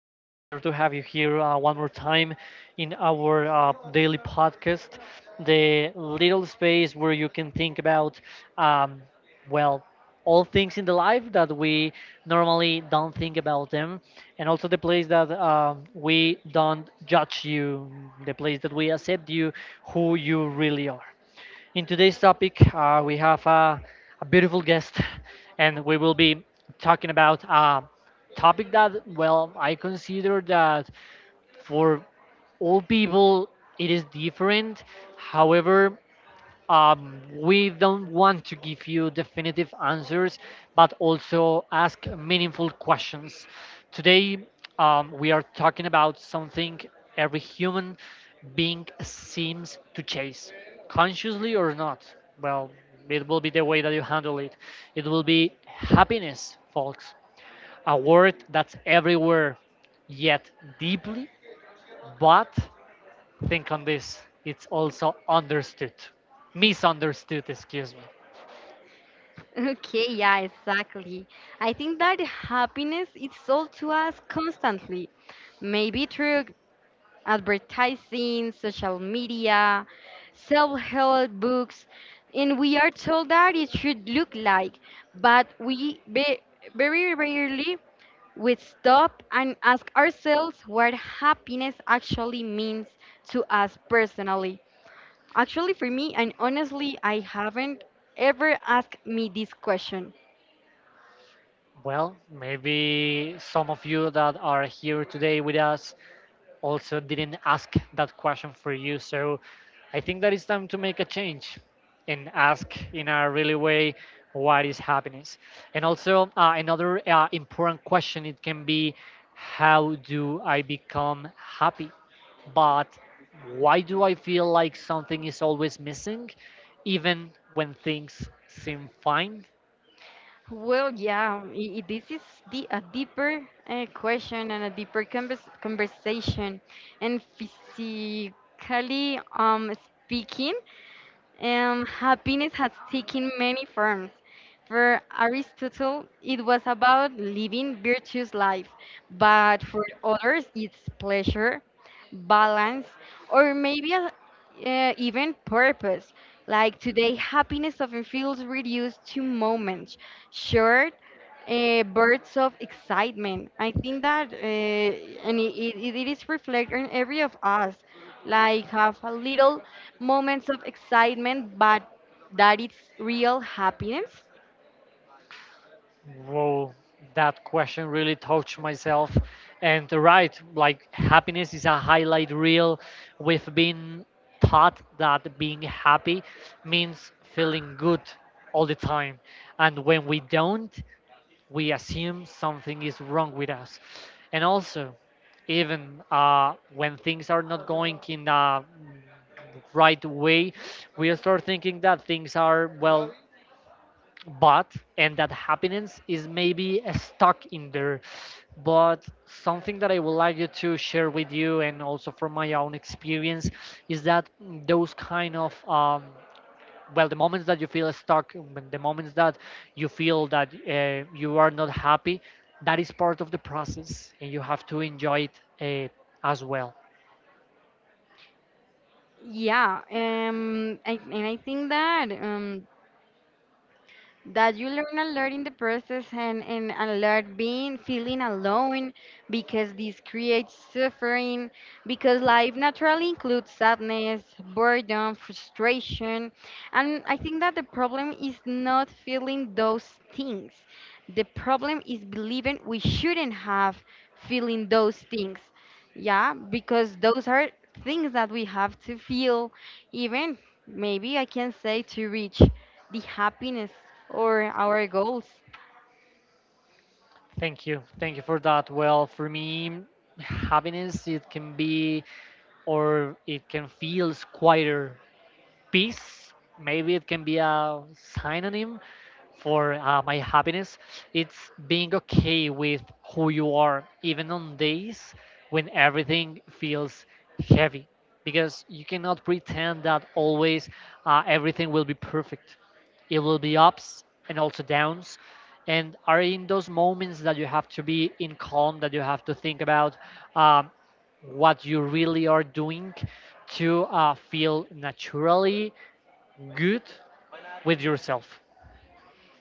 it is a pleasure to have you here one more time in our daily podcast, the little space where you can think about, um, well, all things in the life that we normally don't think about them, and also the place that we don't judge you, the place that we accept you, who you really are. In today's topic, we have a beautiful guest, and we will be talking about a topic that, well, I consider that for all people it is different. However, we don't want to give you definitive answers, but also ask meaningful questions. Today, we are talking about something every human being seems to chase, consciously or not. Well, it will be the way that you handle it. It will be happiness, folks. A word that's everywhere, yet deeply, but think on this. It's also understood. Misunderstood, excuse me. Okay, yeah, exactly. I think that happiness is sold to us constantly, maybe through advertising, social media, self-help books, and we are told that it should look like, but very rarely we stop and ask ourselves what happiness actually means to us personally. Actually, for me, and honestly, I haven't ever asked me this question. Well, maybe some of you that are here today with us also didn't ask that question for you. So I think that it's time to make a change and ask in a really way what is happiness. And also, another important question it can be how do I become happy? But why do I feel like something is always missing, even when things seem fine? Well, yeah, this is the a deeper question and a deeper conversation. And physically um, speaking, happiness has taken many forms. For Aristotle, it was about living virtuous life, but for others, it's pleasure, balance, or maybe even purpose. Like today, happiness often feels reduced to moments, short bursts of excitement. I think that, and it is reflected in every of us, like have a little moments of excitement, but that it's real happiness. Well, that question really touched myself. And right, like happiness is a highlight reel. We've been taught that being happy means feeling good all the time. And when we don't, we assume something is wrong with us. And also, even when things are not going in the right way, we start thinking that things are, well, but and that happiness is maybe stuck in there, but something that I would like you to share with you and also from my own experience is that those kind of well, the moments that you feel stuck, when the moments that you feel that you are not happy, that is part of the process and you have to enjoy it as well. Yeah, and I think that that you learn a lot in the process and a lot being feeling alone, because this creates suffering, because life naturally includes sadness, boredom, frustration. And I think that the problem is not feeling those things. The problem is believing we shouldn't have feeling those things. Yeah, because those are things that we have to feel, even maybe I can say, to reach the happiness or our goals. Thank you. Thank you for that. Well, for me, happiness, it can be or it can feel quieter, peace, maybe it can be a synonym for my happiness. It's being okay with who you are, even on days when everything feels heavy, because you cannot pretend that always everything will be perfect. It will be ups and also downs, and are in those moments that you have to be in calm, that you have to think about, um, what you really are doing to feel naturally good with yourself.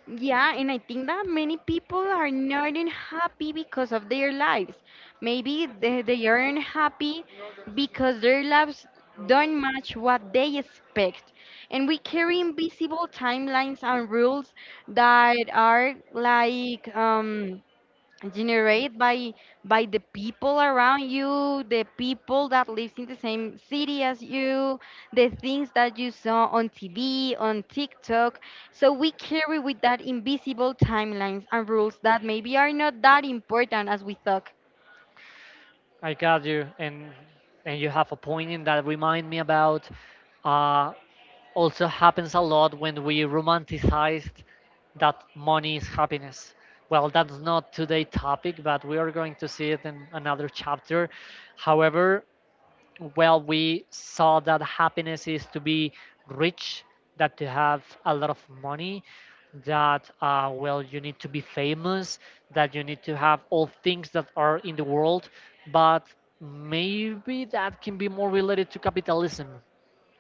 Yeah, and I think that many people are not unhappy because of their lives. Maybe they are unhappy because their lives don't match what they expect. And we carry invisible timelines and rules that are like, generated by the people around you, the people that lives in the same city as you, the things that you saw on TV, on TikTok. So we carry with that invisible timelines and rules that maybe are not that important as we thought. I got you, and you have a point in that. Remind me about. Uh, Also happens a lot when we romanticized that money is happiness. Well, that's not today's topic, but we are going to see it in another chapter. However, well, we saw that happiness is to be rich, that to have a lot of money, that well, you need to be famous, that you need to have all things that are in the world, but maybe that can be more related to capitalism,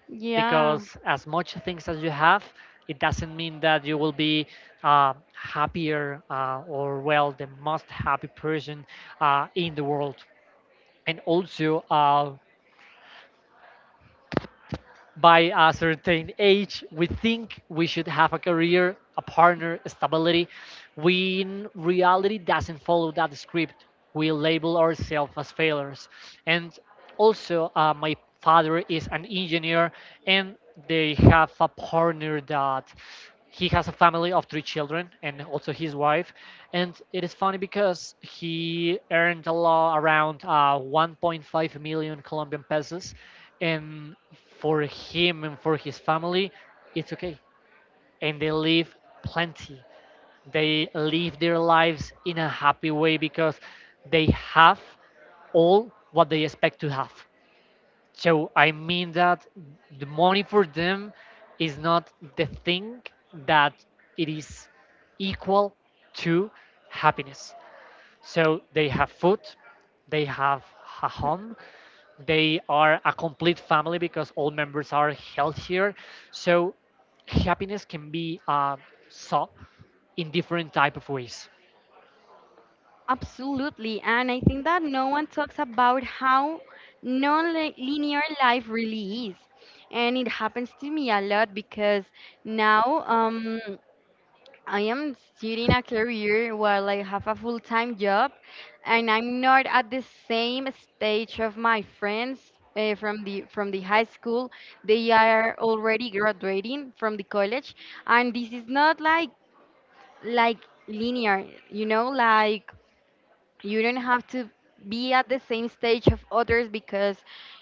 Yeah. because as much things as you have, it doesn't mean that you will be happier, or well, the most happy person in the world. And also, by a certain age, we think we should have a career, a partner, stability. We in reality doesn't follow that script. We label ourselves as failures. And also, my father is an engineer, and they have a partner that he has a family of three children and also his wife, and it is funny because he earned a lot, around 1.5 million Colombian pesos, and for him and for his family, it's okay, and they live plenty, they live their lives in a happy way because they have all what they expect to have. So I mean that the money for them is not the thing that it is equal to happiness. So they have food, they have a home, they are a complete family because all members are healthier. So happiness can be sought in different type of ways. Absolutely. And I think that no one talks about how non-linear life really is. And it happens to me a lot because now, I am studying a career while I have a full time job, and I'm not at the same stage of my friends from the high school. They are already graduating from the college, and this is not like like linear, you know, like you don't have to be at the same stage of others because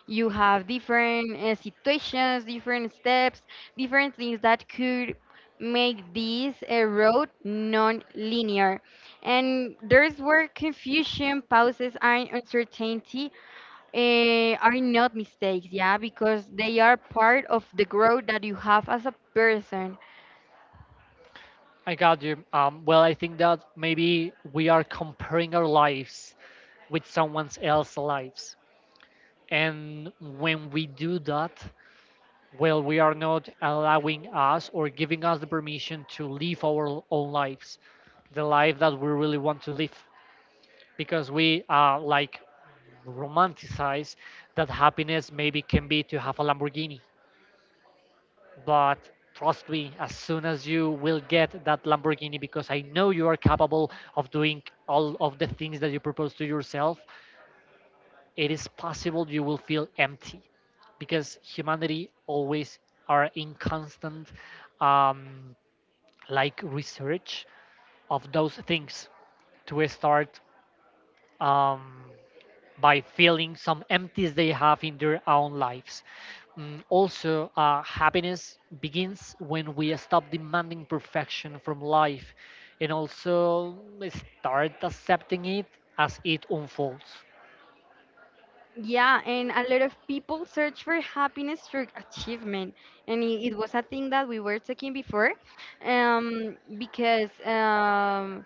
you have different situations, different steps, different things that could make this road non-linear. And there's where confusion, pauses, and uncertainty are not mistakes, yeah, because they are part of the growth that you have as a person. I got you. Well, I think that maybe we are comparing our lives with someone else's lives. And when we do that, well, we are not allowing us or giving us the permission to live our own lives, the life that we really want to live, because we like romanticize that happiness maybe can be to have a Lamborghini. But trust me, as soon as you will get that Lamborghini, because I know you are capable of doing all of the things that you propose to yourself, it is possible you will feel empty because humanity always are in constant, um, like research of those things to start, um, by feeling some empties they have in their own lives. Also, happiness begins when we stop demanding perfection from life and also start accepting it as it unfolds. Yeah, and a lot of people search for happiness through achievement, and it was a thing that we were talking before, because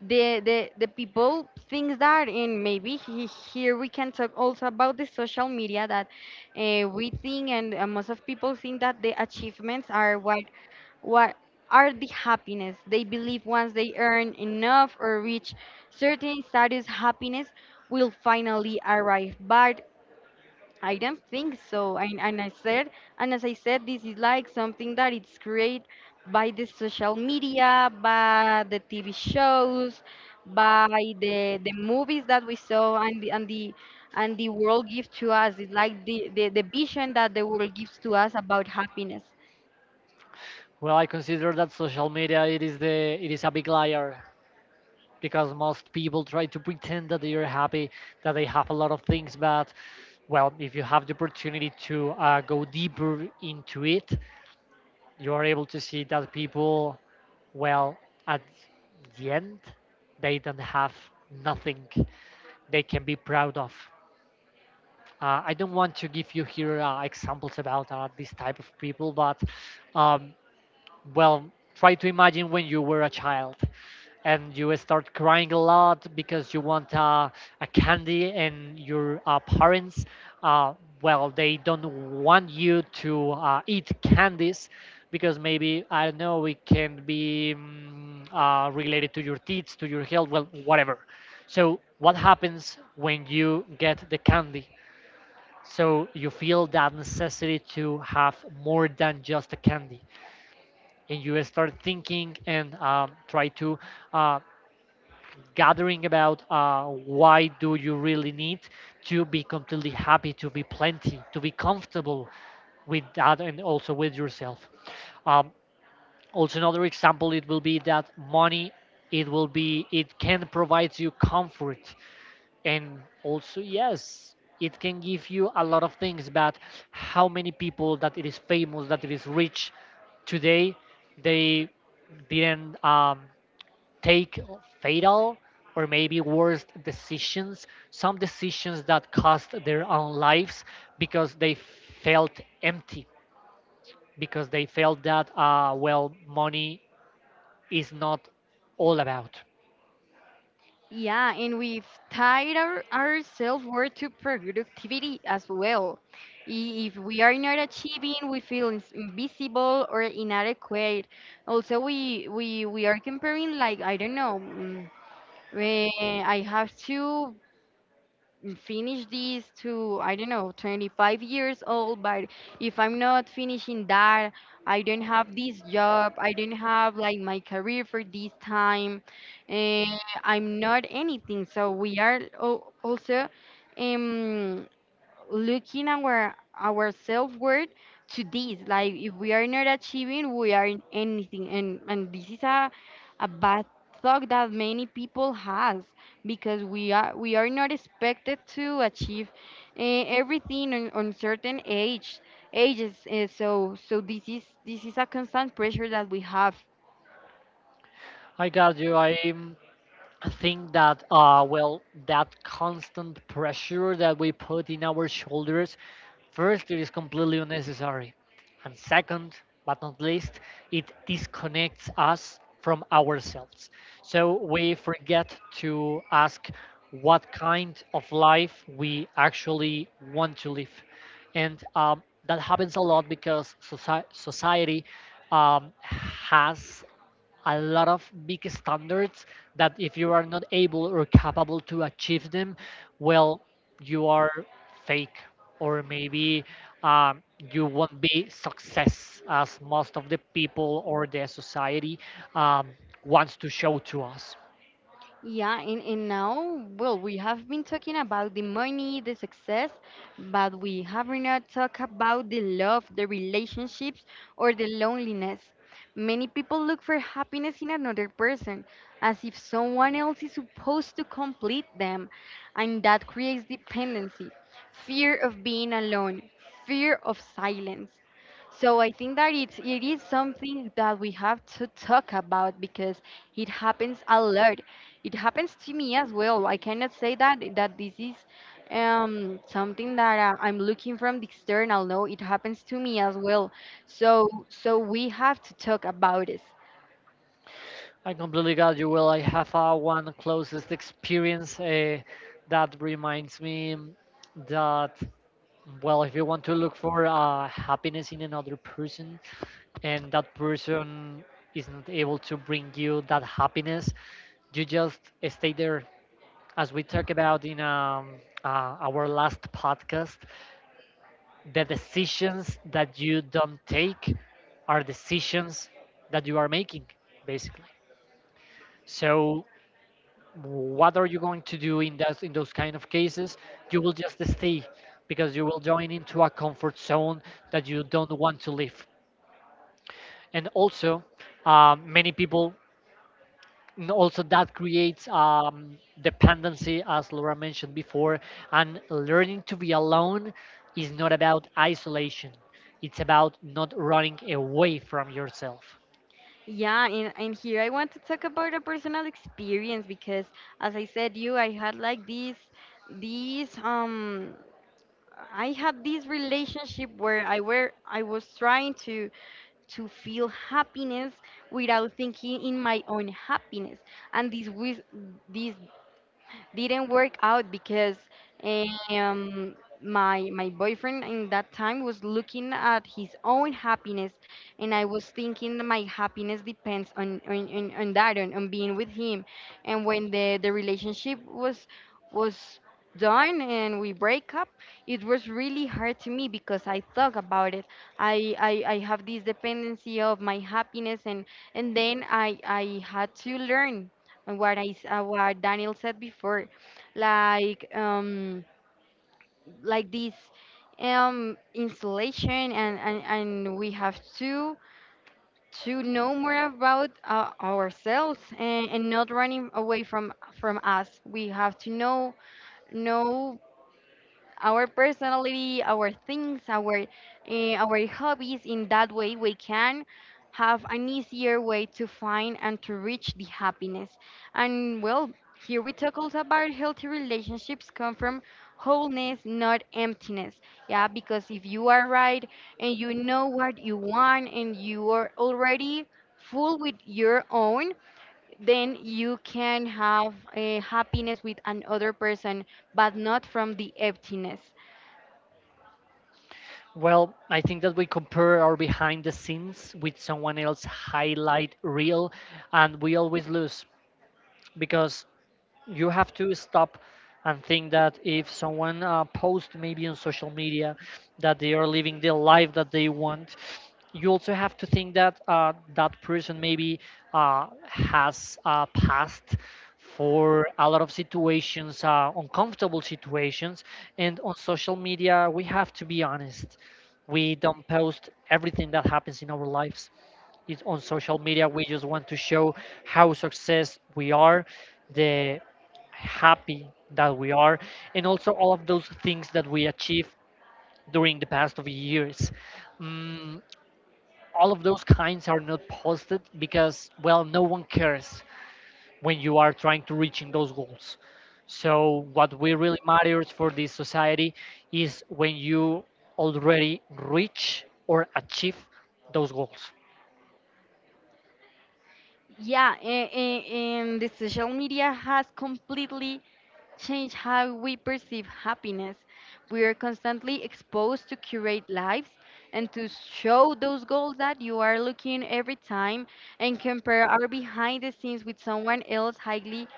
the people think that, and maybe here we can talk also about the social media that we think, and most of people think that the achievements are what what are the happiness. They believe once they earn enough or reach certain status, happiness will finally arrive. But I don't think so. And I said, and as I said, this is like something that it's created by the social media, by the TV shows, by the movies that we saw, and the world gives to us. It's like the vision that the world gives to us about happiness. Well, I consider that social media, it is a big liar because most people try to pretend that they are happy, that they have a lot of things, but well, if you have the opportunity to go deeper into it, you are able to see that people, well, at the end, they don't have nothing they can be proud of. I don't want to give you here examples about this type of people, but um, well, try to imagine when you were a child and you start crying a lot because you want a candy, and your parents, uh, well, they don't want you to eat candies because maybe I don't know, it can be related to your teeth, to your health, well, whatever. So what happens when you get the candy? So you feel that necessity to have more than just a candy, and you start thinking and try to uh, gathering about why do you really need to be completely happy, to be plenty, to be comfortable with that and also with yourself. um, Also, another example, it will be that money, it will be it can provide you comfort, and also, yes, it can give you a lot of things. But how many people that it is famous, that it is rich today, they didn't take fatal or maybe worse decisions, some decisions that cost their own lives, because they felt empty, because they felt that well, money is not all about. Yeah, and we've tied our self-worth to productivity as well. If we are not achieving, we feel invisible or inadequate. Also, we are comparing like I don't know. I have to finish this to I don't know 25 years old, but if I'm not finishing that, I don't have this job, I don't have like my career for this time, and I'm not anything. So we are also um looking our self worth to this. Like if we are not achieving, we are in anything, and this is a bad thought that many people has, because we are not expected to achieve uh, everything on certain ages. This is a constant pressure that we have. I got you. I think that well, that constant pressure that we put in our shoulders, first it is completely unnecessary, and second but not least, it disconnects us from ourselves, so we forget to ask what kind of life we actually want to live. And that happens a lot because society has a lot of big standards that if you are not able or capable to achieve them, well, you are fake, or maybe um, you won't be success as most of the people or the society um, wants to show to us. Yeah, and now, well, we have been talking about the money, the success, but we have not talked about the love, the relationships, or the loneliness. Many people look for happiness in another person, as if someone else is supposed to complete them, and that creates dependency, fear of being alone, fear of silence. So I think that it is something that we have to talk about because it happens a lot. It happens to me as well. I cannot say that this is something that I'm looking from the external. No, it happens to me as well. So so we have to talk about it. I completely got you. Well, I have one closest experience that reminds me that, well, if you want to look for happiness in another person, and that person is not able to bring you that happiness, you just stay there. As we talked about in our last podcast, the decisions that you don't take are decisions that you are making, basically. So, what are you going to do in those kind of cases? You will just stay because you will join into a comfort zone that you don't want to leave. And also, many people. And also that creates dependency, as Laura mentioned before, and learning to be alone is not about isolation, it's about not running away from yourself. Yeah, and here I want to talk about a personal experience because, as I said, you I had like this I had this relationship where I was trying to feel happiness without thinking in my own happiness. And this was this didn't work out because um, my boyfriend in that time was looking at his own happiness, and I was thinking that my happiness depends on being with him. And when the relationship was was done and we break up, it was really hard to me, because I thought about it. I have this dependency of my happiness, and then I had to learn. And what what Daniel said before, like um like this installation, and we have to know more about ourselves, and not running away from us. We have to know know our personality, our things, our hobbies. In that way, we can have an easier way to find and to reach the happiness. And well, here we talk also about healthy relationships come from wholeness, not emptiness. Yeah, because if you are right and you know what you want and you are already full with your own, then you can have a happiness with another person, but not from the emptiness. Well, I think that we compare our behind the scenes with someone else's highlight reel, and we always lose because you have to stop and think that if someone posts maybe on social media that they are living the life that they want, you also have to think that that person maybe has passed for a lot of situations, uncomfortable situations. And on social media, we have to be honest, we don't post everything that happens in our lives, it's on social media. We just want to show how success we are, the happy that we are, and also all of those things that we achieve during the past of years. Mm, all of those kinds are not posted because, well, no one cares when you are trying to reach in those goals. So what we really matters for this society is when you already reach or achieve those goals. Yeah, and the social media has completely changed how we perceive happiness. We are constantly exposed to curate lives and to show those goals that you are looking every time and compare our behind the scenes with someone else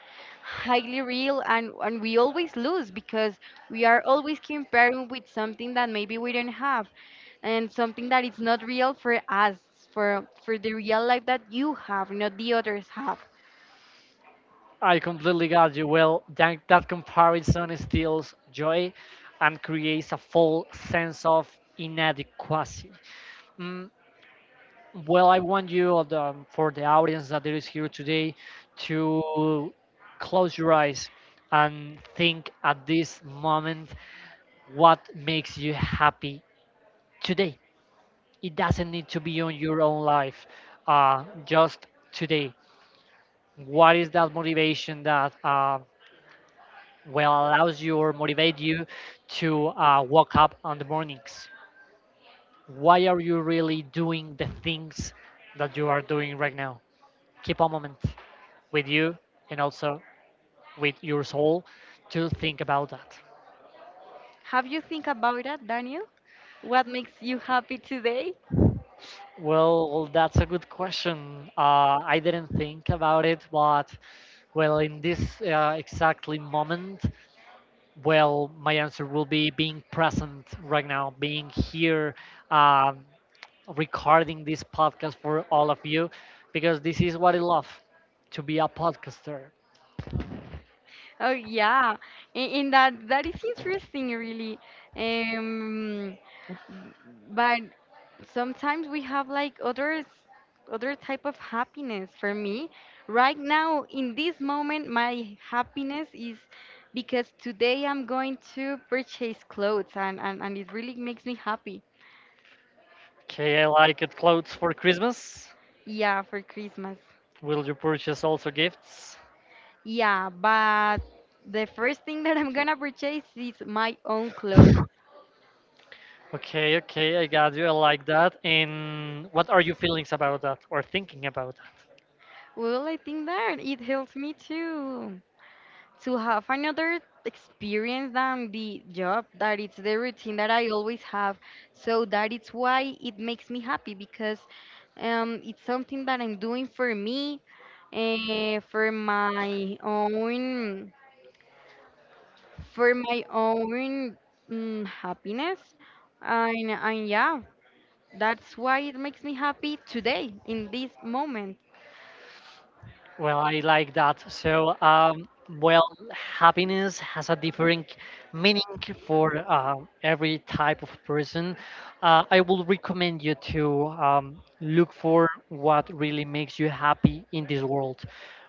highly real, and we always lose because we are always comparing with something that maybe we don't have, and something that is not real for us, for the real life that you have, not the others have. I completely got you. Well, that comparison steals joy and creates a false sense of inadequacy. Mm, well, I want you, for the audience that is here today, to close your eyes and think at this moment what makes you happy today. It doesn't need to be on your own life, just today. What is that motivation that well allows you or motivate you to wake up on the mornings? Why are you really doing the things that you are doing right now? Keep a moment with you and also with your soul to think about that. Have you think about that, Daniel? What makes you happy today? Well, that's a good question. I didn't think about it, but well, in this exactly moment, well, my answer will be being present right now, being here, um, recording this podcast for all of you, because this is what I love, to be a podcaster. Oh yeah, and that is interesting really. um but sometimes we have like others, other type of happiness. For me, right now in this moment, my happiness is because today I'm going to purchase clothes, and it really makes me happy. Okay, I like it. Clothes for Christmas. Yeah, for Christmas. Will you purchase also gifts? Yeah, but the first thing that I'm gonna purchase is my own clothes. Okay, okay, I got you. I like that. And what are you feelings about that or thinking about that? Well, I think that it helps me too to have another experience than the job that it's the routine that I always have. So that it's why it makes me happy, because it's something that I'm doing for me, for my own, for my own happiness. And yeah, that's why it makes me happy today in this moment. Well, I like that. So, well, happiness has a different meaning for every type of person. I will recommend you to look for what really makes you happy in this world.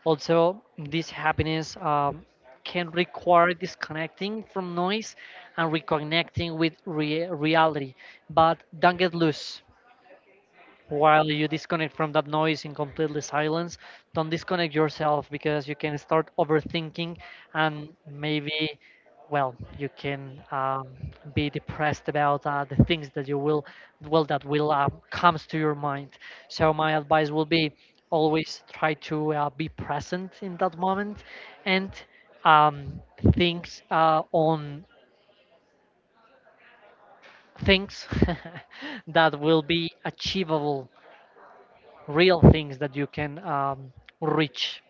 Also, this happiness can require disconnecting from noise and reconnecting with reality. But don't get loose while you disconnect from that noise in completely silence. Don't disconnect yourself because you can start overthinking, and maybe, well, you can be depressed about the things that you will, well, that will comes to your mind. So my advice will be, always try to be present in that moment and um, things uh, on things that will be achievable, real things that you can reach.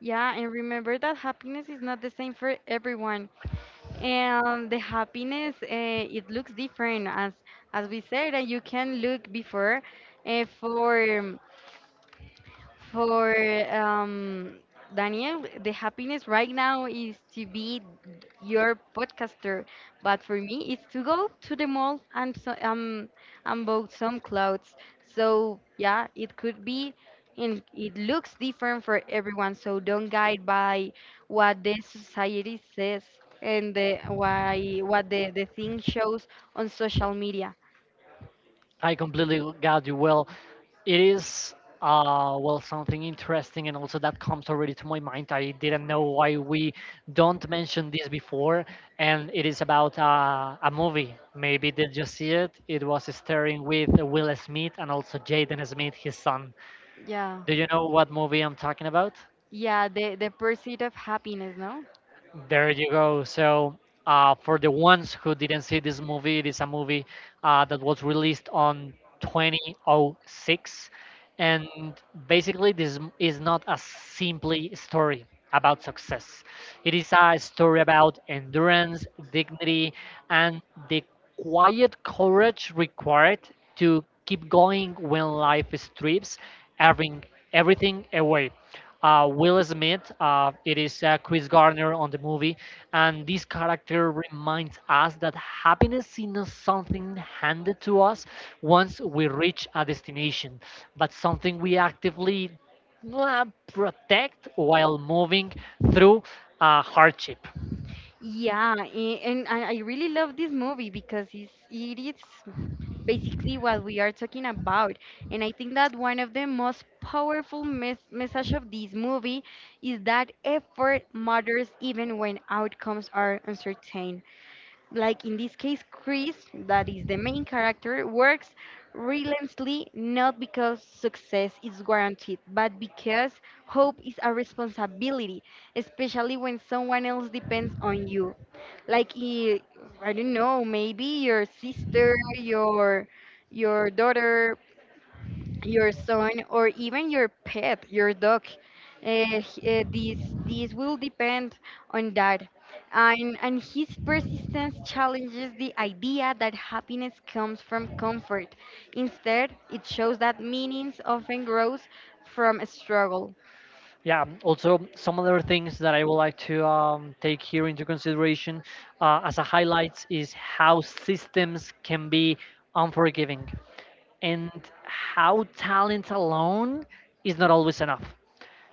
Yeah, and remember that happiness is not the same for everyone. And the happiness, it looks different as we said, and you can look before uh, for for um, Daniel, the happiness right now is to be your podcaster, but for me, it's to go to the mall and so, and buy some clothes. So yeah, it could be, and it looks different for everyone. So don't guide by what the society says and the why what the thing shows on social media. I completely got you. Well, it is well, something interesting, and also that comes already to my mind. I didn't know why we don't mention this before, and it is about a movie. Maybe did you see it? It was starring with Will Smith and also Jaden Smith, his son. Yeah, Do you know what movie I'm talking about? yeah, the pursuit of happiness, no? There you go. So, for the ones who didn't see this movie, it is a movie that was released on 2006, and basically is not a simply story about success. It is a story about endurance, dignity, and the quiet courage required to keep going when life strips everything, everything away. Will Smith, it is Chris Gardner on the movie, and this character reminds us that happiness is not something handed to us once we reach a destination, but something we actively uh, protect while moving through hardship. Yeah, and I really love this movie because it is basically what we are talking about. And I think that one of the most powerful message of this movie is that effort matters even when outcomes are uncertain, like in this case, Chris, that is the main character, works relentlessly not because success is guaranteed, but because hope is a responsibility, especially when someone else depends on you. Like I don't know, maybe your sister, your daughter, your son, or even your pet, your dog. Uh, h- uh, these these will depend on that, and his persistence challenges the idea that happiness comes from comfort. Instead, it shows that meanings often grows from struggle. Yeah, also some other things that I would like to take here into consideration as a highlights is how systems can be unforgiving and how talent alone is not always enough.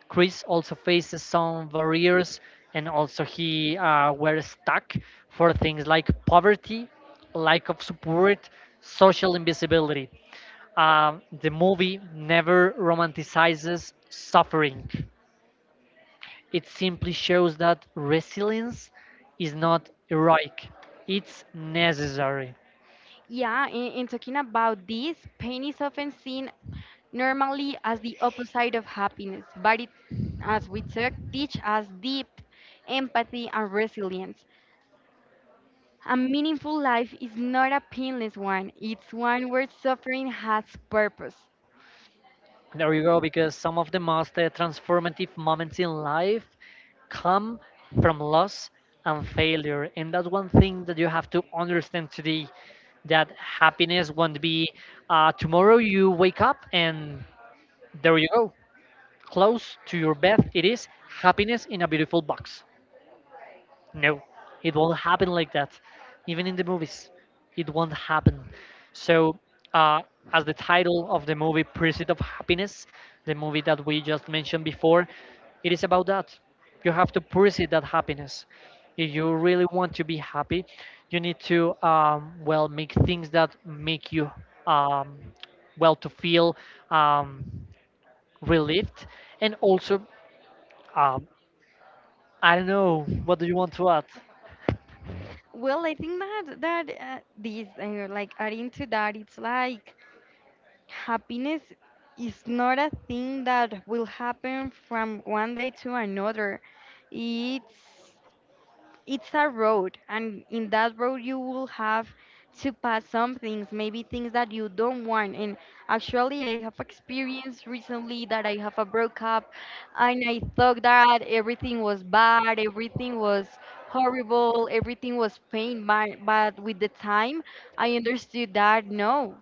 Chris also faces some barriers, and also he were stuck for things like poverty, lack of support, social invisibility. The movie never romanticizes suffering. It simply shows that resilience is not heroic, it's necessary. Yeah, in talking about this, pain is often seen normally as the opposite of happiness, but it, as we talk, teach us deep empathy and resilience. A meaningful life is not a painless one. It's one where suffering has purpose. There you go, because some of the most transformative moments in life come from loss and failure. And that's one thing that you have to understand today, that happiness won't be, tomorrow you wake up and there you go, close to your bed it is happiness in a beautiful box. No, it won't happen like that, even in the movies it won't happen. So, uh, as the title of the movie, Pursuit of Happiness, the movie that we just mentioned before, it is about that. You have to pursue that happiness. If you really want to be happy, you need to well, make things that make you um, well, to feel um, relieved, and also um, I don't know. What do you want to add? Well, I think that this like adding to that, it's like happiness is not a thing that will happen from one day to another. It's it's a road, and in that road you will have to pass some things, maybe things that you don't want. And actually I have experienced recently that I have a broke up, and I thought that everything was bad, everything was horrible, everything was pain, but with the time I understood that no.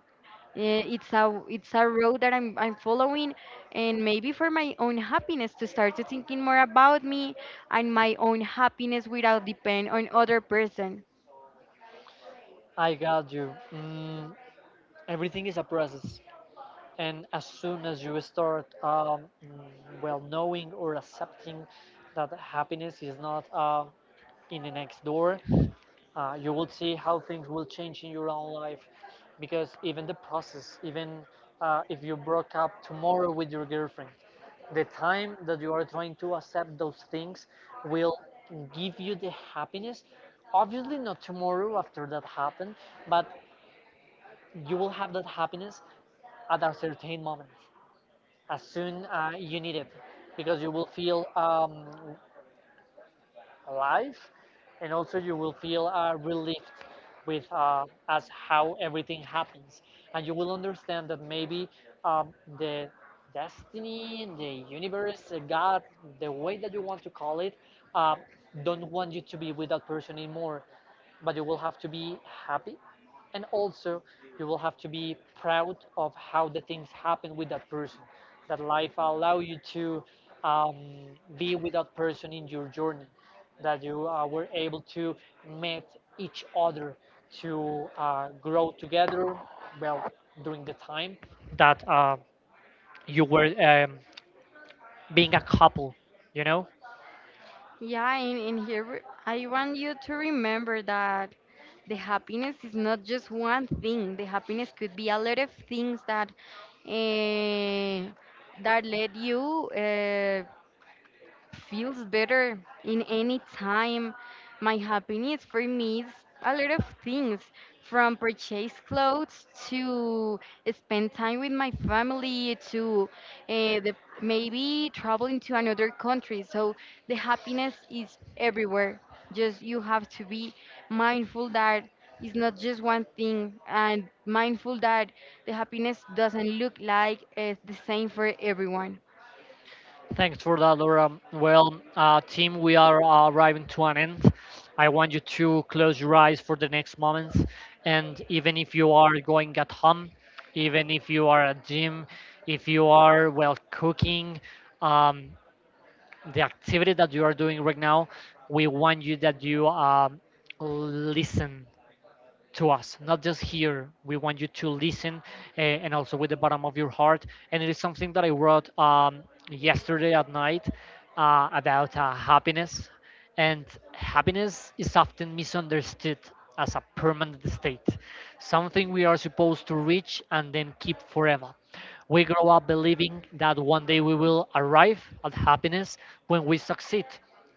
Eh, it's a road that I'm following, and maybe for my own happiness, to start to thinking more about me and my own happiness without depend on other person. I got you. Mm, everything is a process, and as soon as you start, well, knowing or accepting that happiness is not in the next door, you will see how things will change in your own life. Because even the process, even if you broke up tomorrow with your girlfriend, the time that you are trying to accept those things will give you the happiness. Obviously not tomorrow after that happened, but you will have that happiness at a certain moment, as soon you need it, because you will feel life, and also you will feel relieved with as how everything happens. And you will understand that maybe um, the destiny, the universe, god, the way that you want to call it, uh, don't want you to be with that person anymore, but you will have to be happy. And also, you will have to be proud of how the things happen with that person, that life allow you to um, be with that person in your journey, that you were able to meet each other, to grow together, well, during the time that you were being a couple, you know. Yeah, and here I want you to remember that the happiness is not just one thing. The happiness could be a lot of things that eh, that let you. Feels better in any time. My happiness for me is a lot of things, from purchase clothes to spend time with my family to uh, the, maybe traveling to another country. So the happiness is everywhere. Just you have to be mindful that it's not just one thing, and mindful that the happiness doesn't look like it's the same for everyone. Thanks for that, Laura. Well, team, we are arriving to an end. I want you to close your eyes for the next moments, and even if you are going at home, even if you are at gym, if you are, well, cooking, um, the activity that you are doing right now, we want you that you listen to us, not just here. We want you to listen and also with the bottom of your heart. And it is something that I wrote yesterday at night about happiness. And happiness is often misunderstood as a permanent state, something we are supposed to reach and then keep forever. We grow up believing that one day we will arrive at happiness, when we succeed,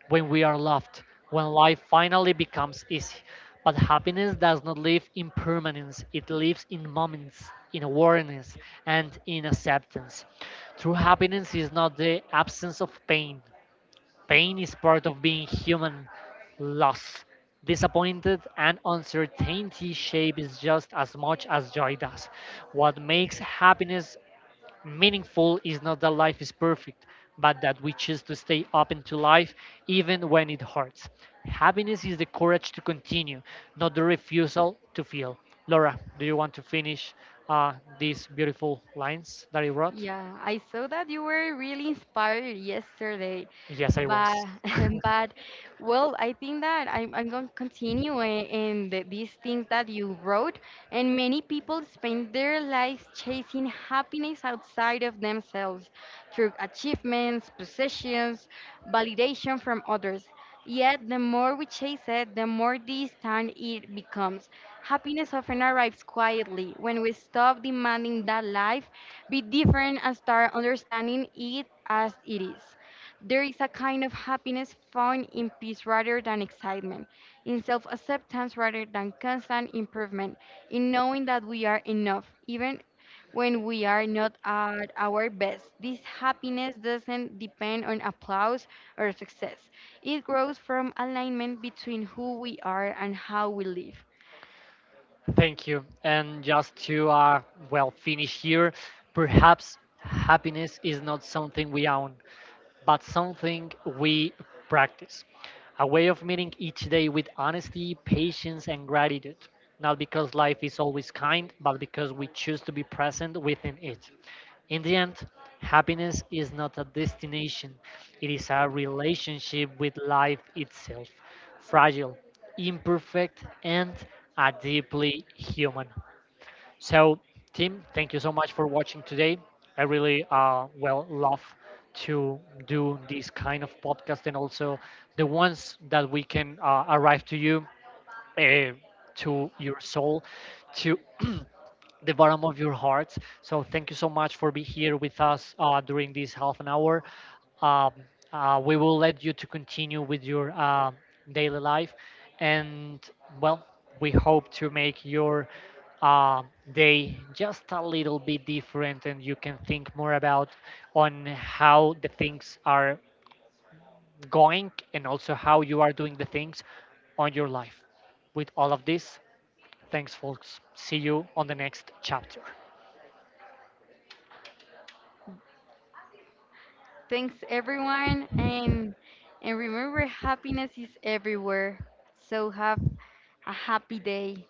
when we are loved, when life finally becomes easy. But happiness does not live in permanence, it lives in moments, in awareness, and in acceptance. True happiness is not the absence of pain, pain is part of being human. Loss, disappointed, and uncertainty shape is just as much as joy does. What makes happiness meaningful is not that life is perfect, but that we choose to stay open to life even when it hurts. Happiness is the courage to continue, not the refusal to feel. Laura, do you want to finish uh, these beautiful lines that you wrote? Yeah, I saw that you were really inspired yesterday, Yes, I but was. but well, I think that I'm gonna continue in these things that you wrote, and many people spend their lives chasing happiness outside of themselves through achievements, possessions, validation from others. Yet the more we chase it, the more distant it becomes. Happiness often arrives quietly when we stop demanding that life be different and start understanding it as it is. There is a kind of happiness found in peace rather than excitement, in self acceptance rather than constant improvement, in knowing that we are enough, even when we are not at our best. This happiness doesn't depend on applause or success, it grows from alignment between who we are and how we live. Thank you. And just to well, finish here, perhaps happiness is not something we own but something we practice. A way of meeting each day with honesty, patience, and gratitude. Not because life is always kind, but because we choose to be present within it. In the end, happiness is not a destination, it is a relationship with life itself. Fragile, imperfect, and a deeply human. So, Tim, thank you so much for watching today. I really well, love to do this kind of podcast, and also the ones that we can arrive to you, uh, to your soul, to the bottom of your hearts. So thank you so much for being here with us during this half an hour. Um, we will let you to continue with your daily life, and well, we hope to make your uh, day just a little bit different, and you can think more about on how the things are going, and also how you are doing the things on your life. With all of this, thanks, folks. See you on the next chapter. Thanks everyone, and remember happiness is everywhere. So have a happy day.